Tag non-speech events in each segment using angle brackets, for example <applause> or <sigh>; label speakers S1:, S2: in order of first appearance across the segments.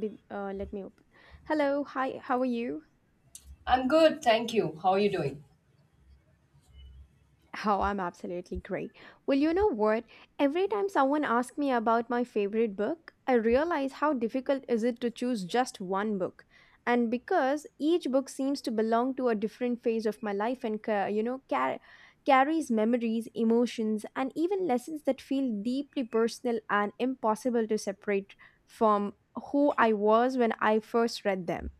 S1: Let me open. Hello, hi, how are you?
S2: I'm good, thank you. How are you doing?
S1: Oh, I'm absolutely great. Well, you know what? Every time someone asks me about my favorite book, I realize how difficult is it to choose just one book. And because each book seems to belong to a different phase of my life and carries memories, emotions, and even lessons that feel deeply personal and impossible to separate from who I was when I first read them.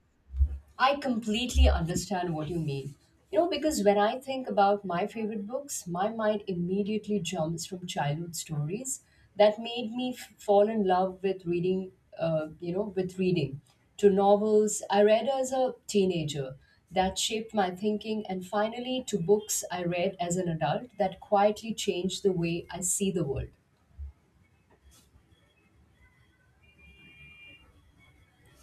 S2: I completely understand what you mean. You know, because when I think about my favorite books, my mind immediately jumps from childhood stories that made me fall in love with reading, uh, you know, with reading, to novels I read as a teenager that shaped my thinking, and finally to books I read as an adult that quietly changed the way I see the world.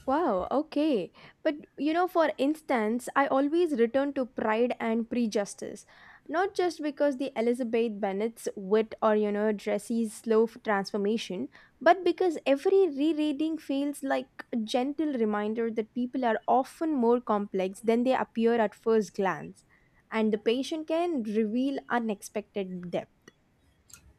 S1: Wow, okay. But you know, for instance, I always return to Pride and Prejudice*, not just because the Elizabeth Bennet's wit or, you know, Dressy's slow transformation, but because every rereading feels like a gentle reminder that people are often more complex than they appear at first glance, and the patient can reveal unexpected depth.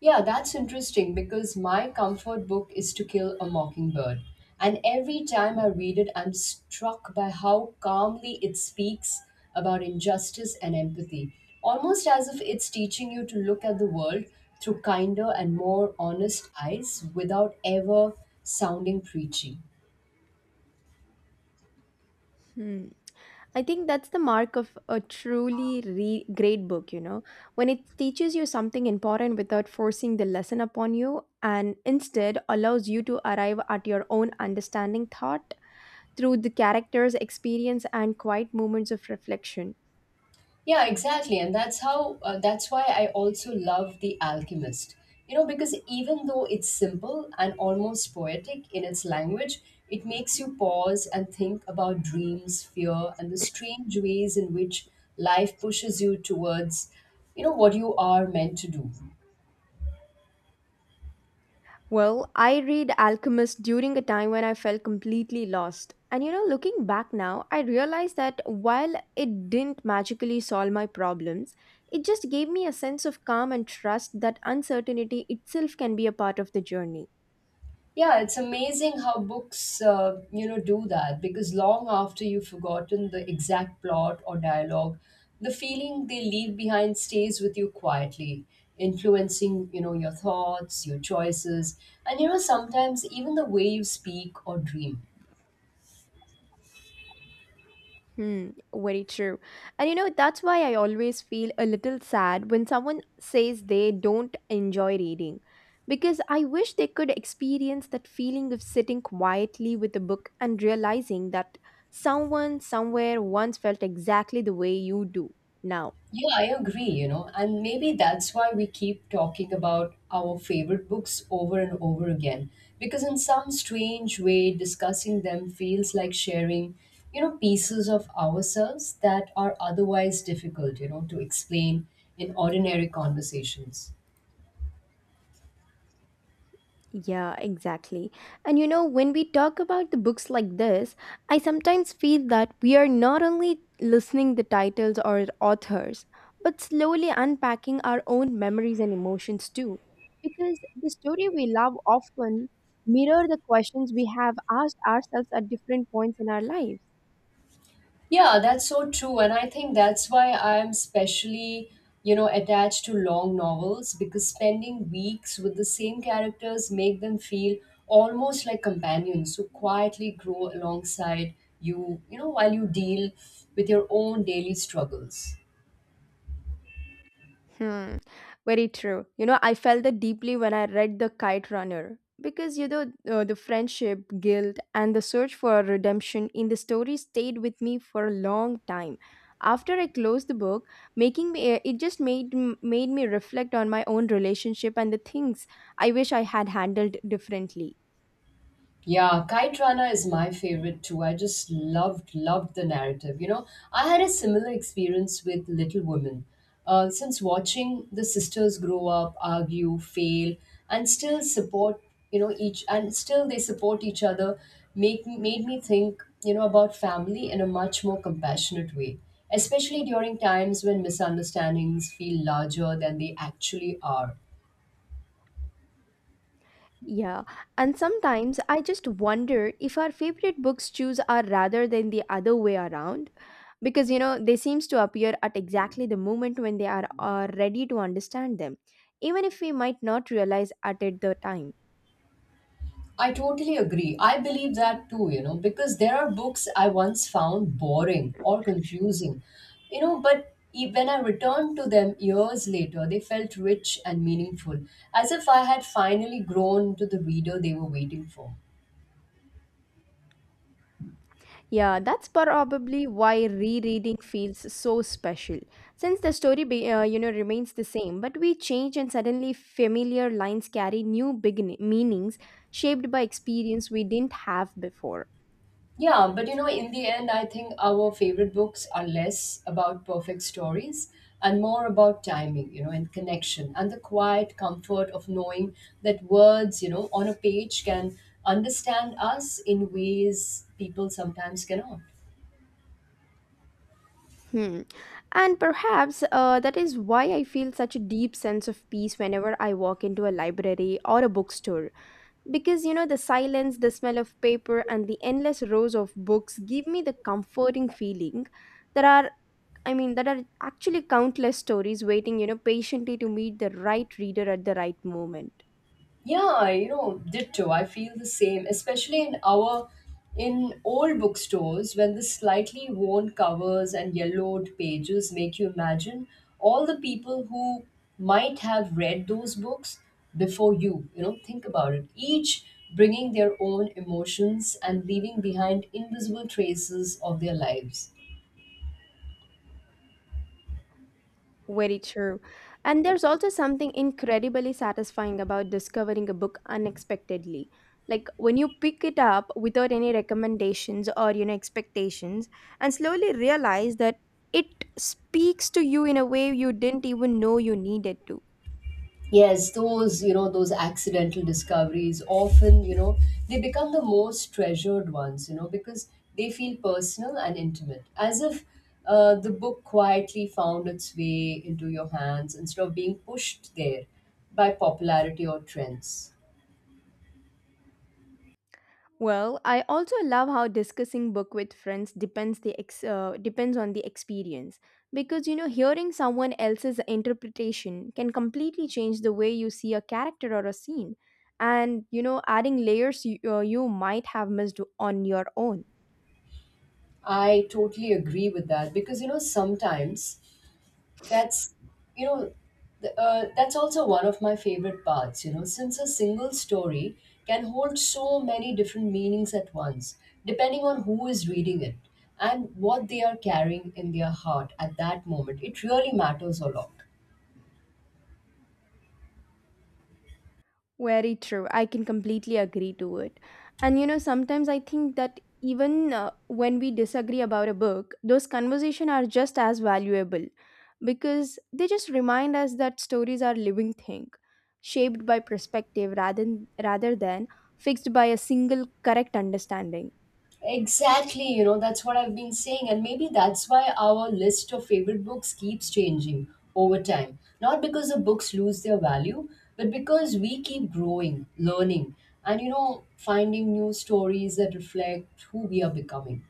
S2: Yeah, that's interesting because my comfort book is To Kill a Mockingbird. And every time I read it, I'm struck by how calmly it speaks about injustice and empathy, almost as if it's teaching you to look at the world through kinder and more honest eyes without ever sounding preachy.
S1: Hmm. I think that's the mark of a truly great book, you know, when it teaches you something important without forcing the lesson upon you and instead allows you to arrive at your own understanding thought through the character's experience and quiet moments of reflection.
S2: Yeah, exactly. That's why I also love The Alchemist. You know, because even though it's simple and almost poetic in its language, it makes you pause and think about dreams, fear, and the strange ways in which life pushes you towards, you know, what you are meant to do.
S1: Well, I read Alchemist during a time when I felt completely lost. And you know, looking back now, I realized that while it didn't magically solve my problems, it just gave me a sense of calm and trust that uncertainty itself can be a part of the journey.
S2: Yeah, it's amazing how books, you know, do that because long after you've forgotten the exact plot or dialogue, the feeling they leave behind stays with you quietly, influencing, you know, your thoughts, your choices, and you know, sometimes even the way you speak or dream.
S1: Hmm, very true. And you know, that's why I always feel a little sad when someone says they don't enjoy reading. Because I wish they could experience that feeling of sitting quietly with a book and realizing that someone somewhere once felt exactly the way you do now.
S2: Yeah, I agree, you know, and maybe that's why we keep talking about our favorite books over and over again. Because in some strange way, discussing them feels like sharing, you know, pieces of ourselves that are otherwise difficult, you know, to explain in ordinary conversations.
S1: Yeah, exactly. And you know, when we talk about the books like this, I sometimes feel that we are not only listening the titles or authors, but slowly unpacking our own memories and emotions too. Because the story we love often mirror the questions we have asked ourselves at different points in our lives.
S2: Yeah, that's so true. And I think that's why I'm specially, you know, attached to long novels because spending weeks with the same characters make them feel almost like companions who quietly grow alongside you, you know, while you deal with your own daily struggles.
S1: Hmm, very true. You know, I felt that deeply when I read The Kite Runner because, you know, the friendship, guilt, and the search for redemption in the story stayed with me for a long time. After I closed the book, making me it just made m- made me reflect on my own relationship and the things I wish I had handled differently.
S2: Yeah, Kite Rana is my favorite too. I just loved the narrative. You know, I had a similar experience with Little Women. Since watching the sisters grow up, argue, fail, and still support, you know, each and still they support each other, make made me think, you know, about family in a much more compassionate way, especially during times when misunderstandings feel larger than they actually are.
S1: Yeah, and sometimes I just wonder if our favorite books choose are rather than the other way around because you know they seems to appear at exactly the moment when they are ready to understand them even if we might not realize at it the time.
S2: I totally agree. I believe that too, you know, because there are books I once found boring or confusing, you know, but when I returned to them years later, they felt rich and meaningful, as if I had finally grown to the reader they were waiting for.
S1: Yeah, that's probably why rereading feels so special. Since the story, you know, remains the same, but we change and suddenly familiar lines carry new meanings shaped by experience we didn't have before.
S2: Yeah, but you know, in the end, I think our favorite books are less about perfect stories and more about timing, you know, and connection and the quiet comfort of knowing that words, you know, on a page can understand us in ways people sometimes cannot.
S1: Hmm. And perhaps that is why I feel such a deep sense of peace whenever I walk into a library or a bookstore. Because, you know, the silence, the smell of paper, and the endless rows of books give me the comforting feeling. There are there are actually countless stories waiting, you know, patiently to meet the right reader at the right moment.
S2: Yeah, you know, ditto. I feel the same, especially in our in old bookstores when the slightly worn covers and yellowed pages make you imagine all the people who might have read those books before you. You know, think about it. Each bringing their own emotions and leaving behind invisible traces of their lives.
S1: Very true. And there's also something incredibly satisfying about discovering a book unexpectedly. Like when you pick it up without any recommendations or, you know, expectations and slowly realize that it speaks to you in a way you didn't even know you needed to.
S2: Yes, those, you know, those accidental discoveries often, you know, they become the most treasured ones, you know, because they feel personal and intimate, as if the book quietly found its way into your hands instead of being pushed there by popularity or trends.
S1: Well, I also love how discussing book with friends depends on the experience because you know hearing someone else's interpretation can completely change the way you see a character or a scene and you know adding layers you might have missed on your own.
S2: I totally agree with that because, you know, sometimes that's you know th- that's also one of my favorite parts you know since a single story can hold so many different meanings at once depending on who is reading it and what they are carrying in their heart at that moment it really matters a lot.
S1: Very true. I can completely agree to it. And you know, sometimes I think that even when we disagree about a book, those conversations are just as valuable because they just remind us that stories are living thing, shaped by perspective rather than fixed by a single correct understanding.
S2: Exactly, you know, that's what I've been saying. And maybe that's why our list of favorite books keeps changing over time. Not because the books lose their value, but because we keep growing, learning, and, you know, finding new stories that reflect who we are becoming.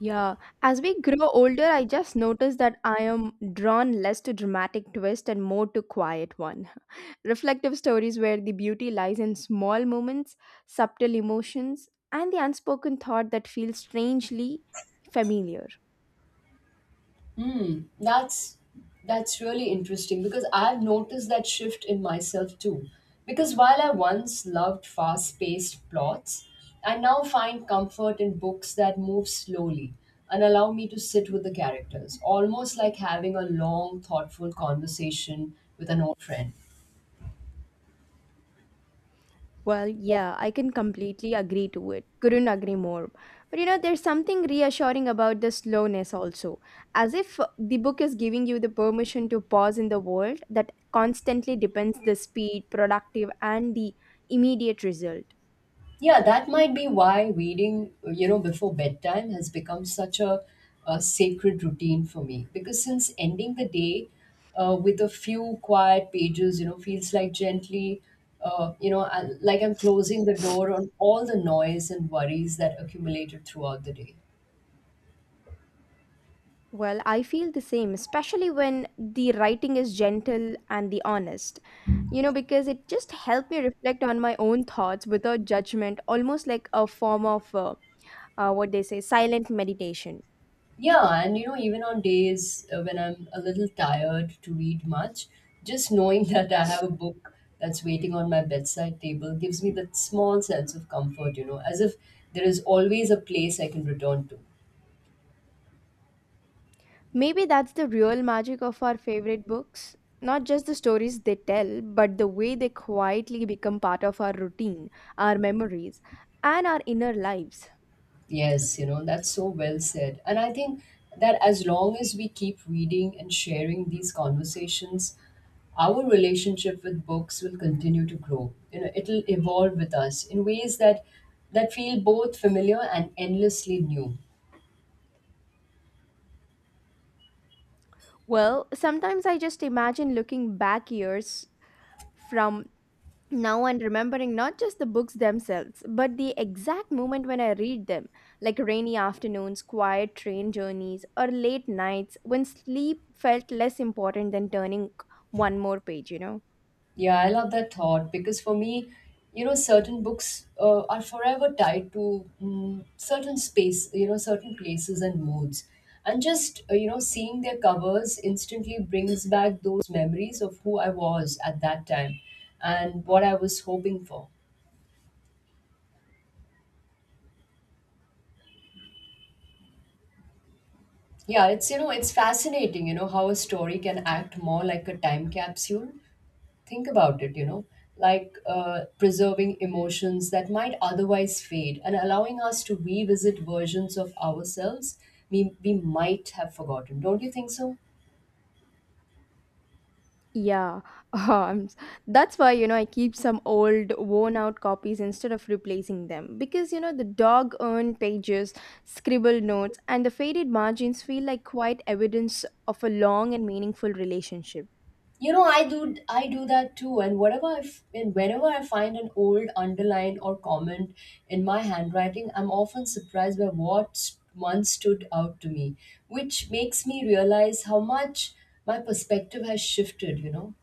S1: Yeah, as we grow older, I just noticed that I am drawn less to dramatic twist and more to quiet ones. Reflective stories where the beauty lies in small moments, subtle emotions, and the unspoken thought that feels strangely familiar.
S2: That's that's really interesting because I've noticed that shift in myself too. Because while I once loved fast-paced plots, I now find comfort in books that move slowly and allow me to sit with the characters, almost like having a long, thoughtful conversation with an old friend.
S1: Well, yeah, I can completely agree to it. Couldn't agree more. But you know, there's something reassuring about the slowness also. As if the book is giving you the permission to pause in the world that constantly depends the speed, productive, and the immediate result.
S2: Yeah, that might be why reading, you know, before bedtime has become a sacred routine for me. Because since ending the day with a few quiet pages, you know, feels like gently, like I'm closing the door on all the noise and worries that accumulated throughout the day.
S1: Well, I feel the same, especially when the writing is gentle and the honest. You know, because it just helped me reflect on my own thoughts without judgment, almost like a form of what they say, silent meditation.
S2: Yeah, and you know, even on days when I'm a little tired to read much, just knowing <laughs> that I have a book that's waiting on my bedside table gives me that small sense of comfort, you know, as if there is always a place I can return to.
S1: Maybe that's the real magic of our favorite books. Not just the stories they tell, but the way they quietly become part of our routine, our memories, and our inner lives.
S2: Yes, you know, that's so well said. And I think that as long as we keep reading and sharing these conversations, our relationship with books will continue to grow. You know, it'll evolve with us in ways that feel both familiar and endlessly new.
S1: Well, sometimes I just imagine looking back years from now and remembering not just the books themselves, but the exact moment when I read them, like rainy afternoons, quiet train journeys, or late nights when sleep felt less important than turning one more page, you know?
S2: Yeah, I love that thought because for me, you know, certain books are forever tied to mm certain space, you know, certain places and moods. And just, you know, seeing their covers instantly brings back those memories of who I was at that time and what I was hoping for. Yeah, it's, you know, it's fascinating, you know, how a story can act more like a time capsule think about it, you know, like preserving emotions that might otherwise fade and allowing us to revisit versions of ourselves we might have forgotten. Don't you think so?
S1: Yeah, <laughs> um, s- that's why you know I keep some old worn out copies instead of replacing them because you know the dog earned pages, scribbled notes, and the faded margins feel like quite evidence of a long and meaningful relationship.
S2: You know, I do that too, and whenever I find an old underline or comment in my handwriting, I'm often surprised by what once stood out to me, which makes me realize how much my perspective has shifted. You know,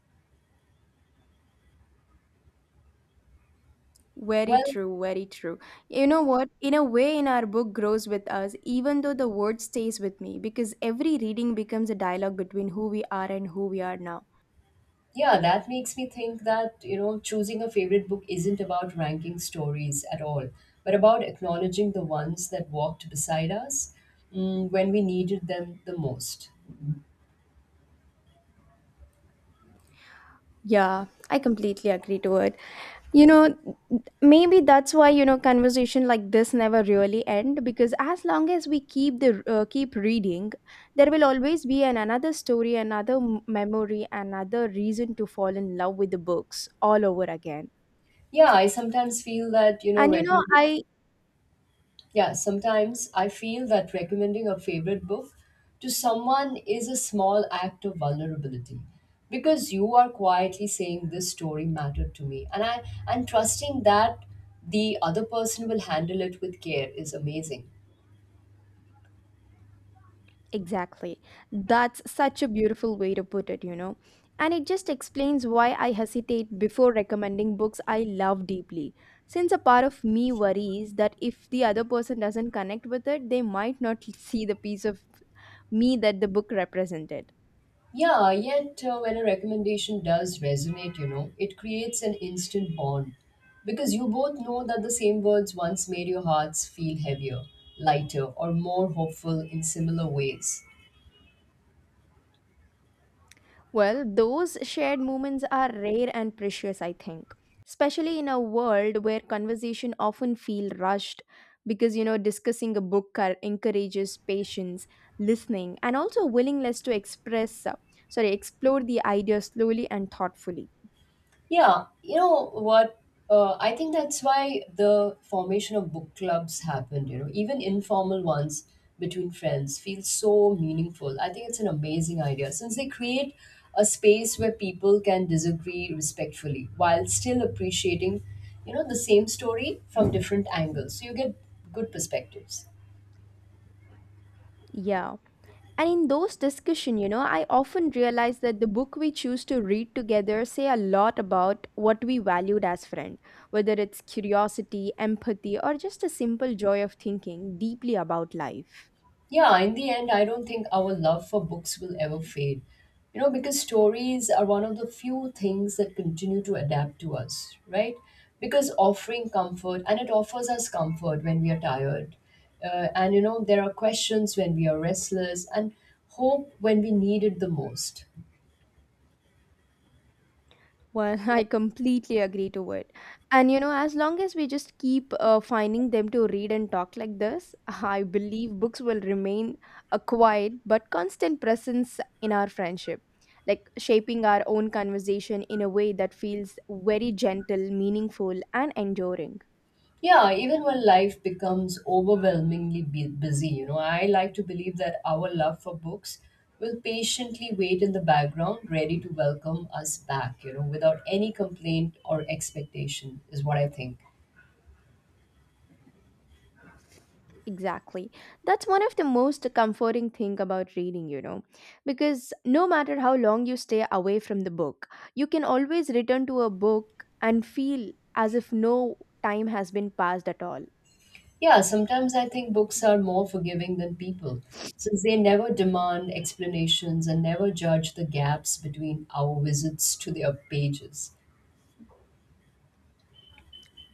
S1: Very
S2: well,
S1: true, very true. You know what? In a way, in our book grows with us, even though the word stays with me, because every reading becomes a dialogue between who we are and who we are now.
S2: yeah, that makes me think that, you know, choosing a favorite book isn't about ranking stories at all, but about acknowledging the ones that walked beside us mm, when we needed them the most.
S1: Yeah, I completely agree to it. You know, maybe that's why you know conversation like this never really end because as long as we keep reading, there will always be an another story, another memory, another reason to fall in love with the books all over again.
S2: Yeah, I sometimes feel that, you know,
S1: And you know,
S2: recommending.
S1: I
S2: Yeah, sometimes I feel that recommending a favorite book to someone is a small act of vulnerability because you are quietly saying this story mattered to me and trusting that the other person will handle it with care is amazing.
S1: Exactly. That's such a beautiful way to put it, you know. And it just explains why I hesitate before recommending books I love deeply. Since a part of me worries that if the other person doesn't connect with it, they might not see the piece of me that the book represented.
S2: Yeah, yet when a recommendation does resonate, you know, it creates an instant bond because you both know that the same words once made your hearts feel heavier, lighter, or more hopeful in similar ways.
S1: Well, those shared moments are rare and precious, I think, especially in a world where conversation often feel rushed because you know discussing a book encourages patience, listening, and also willingness to explore the idea slowly and thoughtfully.
S2: Yeah, you know what? I think that's why the formation of book clubs happened, you know, even informal ones between friends feel so meaningful. I think it's an amazing idea since they create a space where people can disagree respectfully while still appreciating, you know, the same story from different angles. So you get good perspectives.
S1: Yeah. And in those discussion, you know, I often realize that the book we choose to read together say a lot about what we valued as friend, whether it's curiosity, empathy, or just a simple joy of thinking deeply about life.
S2: Yeah, in the end, I don't think our love for books will ever fade. You know, because stories are one of the few things that continue to adapt to us, right? Because offering comfort, and it offers us comfort when we are tired. And, you know, there are questions when we are restless and hope when we need it the most.
S1: Well, <laughs> I completely agree to it. And you know, as long as we just keep finding them to read and talk like this, <laughs> I believe books will remain a quiet but constant presence in our friendship, like shaping our own conversation in a way that feels very gentle, meaningful, and enduring.
S2: Yeah, even when life becomes overwhelmingly busy, you know, I like to believe that our love for books will patiently wait in the background, ready to welcome us back, you know, without any complaint or expectation, is what I think.
S1: Exactly. That's one of the most comforting thing about reading, you know, because no matter how long you stay away from the book, you can always return to a book and feel as if no time has been passed at all.
S2: Yeah, sometimes I think books are more forgiving than people, since they never demand explanations and never judge the gaps between our visits to their pages.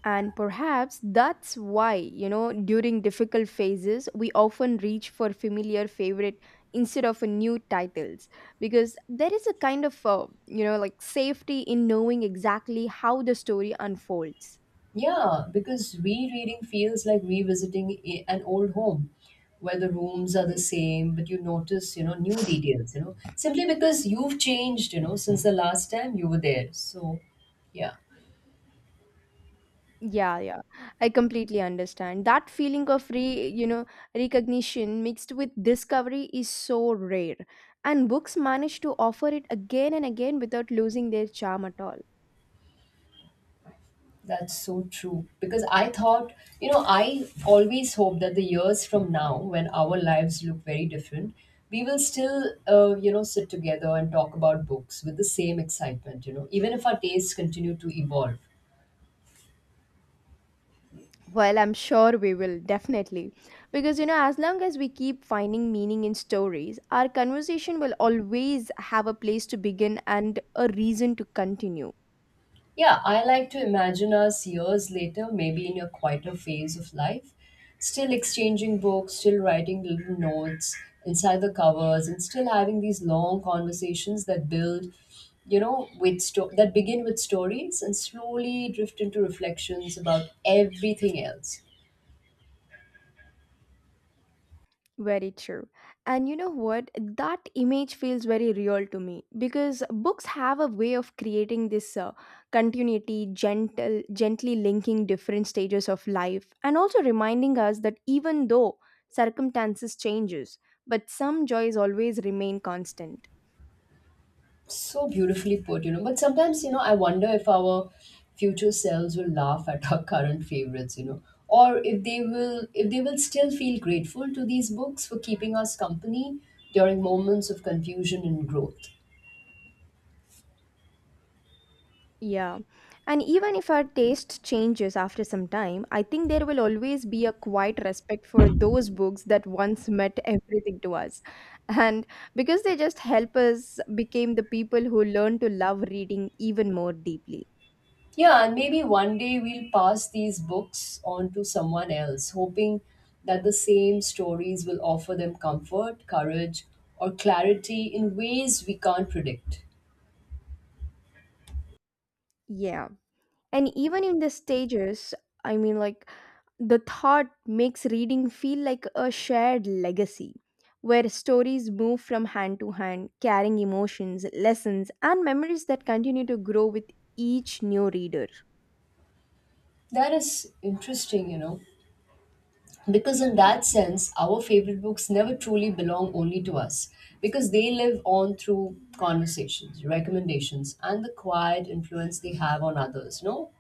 S1: And perhaps that's why, you know, during difficult phases, we often reach for familiar favorite instead of a new titles because there is a kind of, you know, like safety in knowing exactly how the story unfolds.
S2: Yeah, because rereading feels like revisiting an old home where the rooms are the same, but you notice, you know, new details, you know, simply because you've changed, you know, since the last time you were there. So, yeah,
S1: Yeah. I completely understand. That feeling of recognition mixed with discovery is so rare, and books manage to offer it again and again without losing their charm at all.
S2: that's so true. Because I thought, you know, I always hope that the years from now, when our lives look very different, we will still, you know, sit together and talk about books with the same excitement, you know, even if our tastes continue to evolve.
S1: Well, I'm sure we will definitely. Because you know, as long as we keep finding meaning in stories, our conversation will always have a place to begin and a reason to continue.
S2: Yeah, I like to imagine us years later, maybe in a quieter phase of life, still exchanging books, still writing little notes inside the covers, and still having these long conversations that build, that begin with stories and slowly drift into reflections about everything else.
S1: Very true. And you know what? That image feels very real to me because books have a way of creating this continuity, gentle, gently linking different stages of life and also reminding us that even though circumstances changes, but some joys always remain constant.
S2: So beautifully put, you know. But sometimes, you know, I wonder if our future selves will laugh at our <laughs> current favorites, you know, or if they will still feel grateful to these books for keeping us company during moments of confusion and growth.
S1: Yeah. And even if our taste changes after some time, I think there will always be a quiet respect for those books that once meant everything to us. And because they just help us became the people who learn to love reading even more deeply.
S2: Yeah, and maybe one day we'll pass these books on to someone else, hoping that the same stories will offer them comfort, courage, or clarity in ways we can't predict.
S1: Yeah. And even in the stages, I mean, like the thought makes reading feel like a shared legacy where stories move from hand to hand, carrying emotions, lessons, and memories that continue to grow with each new reader.
S2: That is interesting, you know, because in that sense our favorite books never truly belong only to us because they live on through conversations, recommendations and the quiet influence they have on others, you know.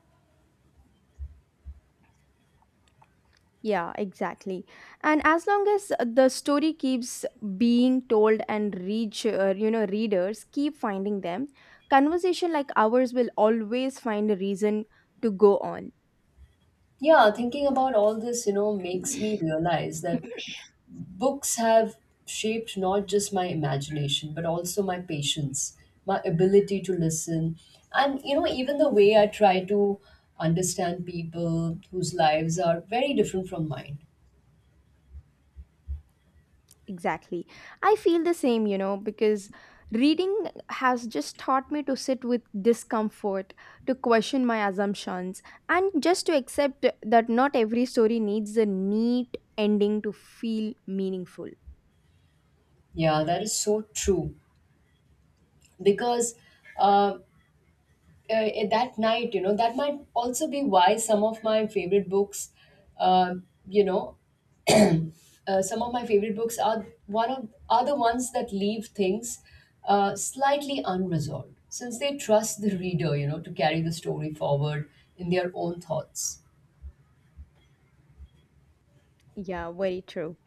S1: Yeah, exactly. And as long as the story keeps being told and you know, readers keep finding them, conversation like ours will always find a reason to go on.
S2: Yeah, thinking about all this, you know, makes me
S1: <clears throat>
S2: realize that books have shaped not just my imagination but also my patience, my ability to listen, and you know, even the way I try to understand people whose lives are very different from mine.
S1: Exactly. I feel the same, you know, because reading has just taught me to sit with discomfort, to question my assumptions, and just to accept that not every story needs a neat ending to feel meaningful.
S2: Yeah, that is so true because uh, that night you know that might also be why some of my favorite books uh, you know some of my favorite books are one of are the ones that leave things slightly unresolved since they trust the reader, you know, to carry the story forward in their own thoughts.
S1: Yeah, very true.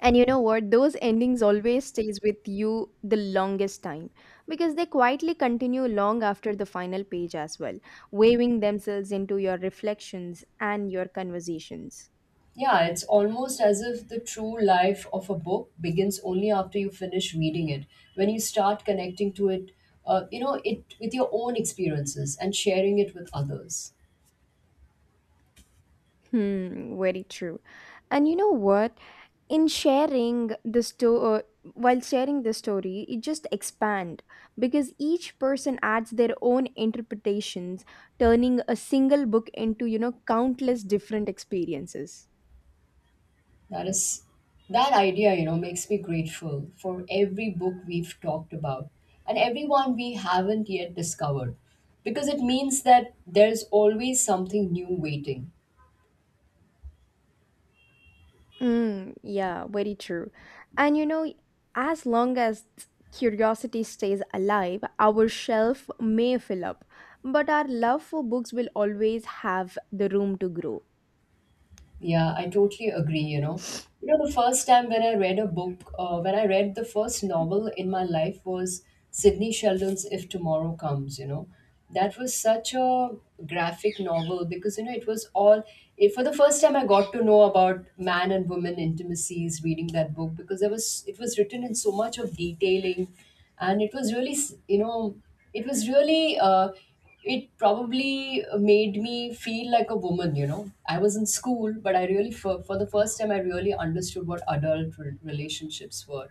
S1: And you know what? Those endings always stays with you the longest time because they quietly continue long after the final page as well, waving themselves into your reflections and your conversations.
S2: Yeah, it's almost as if the true life of a book begins only after you finish reading it. When you start connecting to it, you know, it with your own experiences and sharing it with others.
S1: Hmm, very true. And you know what? In sharing the story, while sharing the story, it just expand because each person adds their own interpretations turning a single book into you know countless different experiences.
S2: That is that idea, you know, makes me grateful for every book we've talked about and everyone we haven't yet discovered because it means that there's always something new waiting.
S1: Mm, yeah, very true. And you know, as long as curiosity stays alive, our shelf may fill up, but our love for books will always have the room to grow.
S2: Yeah, I totally agree, you know. You know, the first time when I read the first novel in my life was Sidney Sheldon's If Tomorrow Comes, you know. That was such a graphic novel because, you know, it was all, it, for the first time I got to know about man and woman intimacies reading that book because it was written in so much of detailing and it was really, s- you know, it was really, it probably made me feel like a woman, you know, I was in school but I really for the first time
S1: Oh.
S2: I really understood what adult relationships were.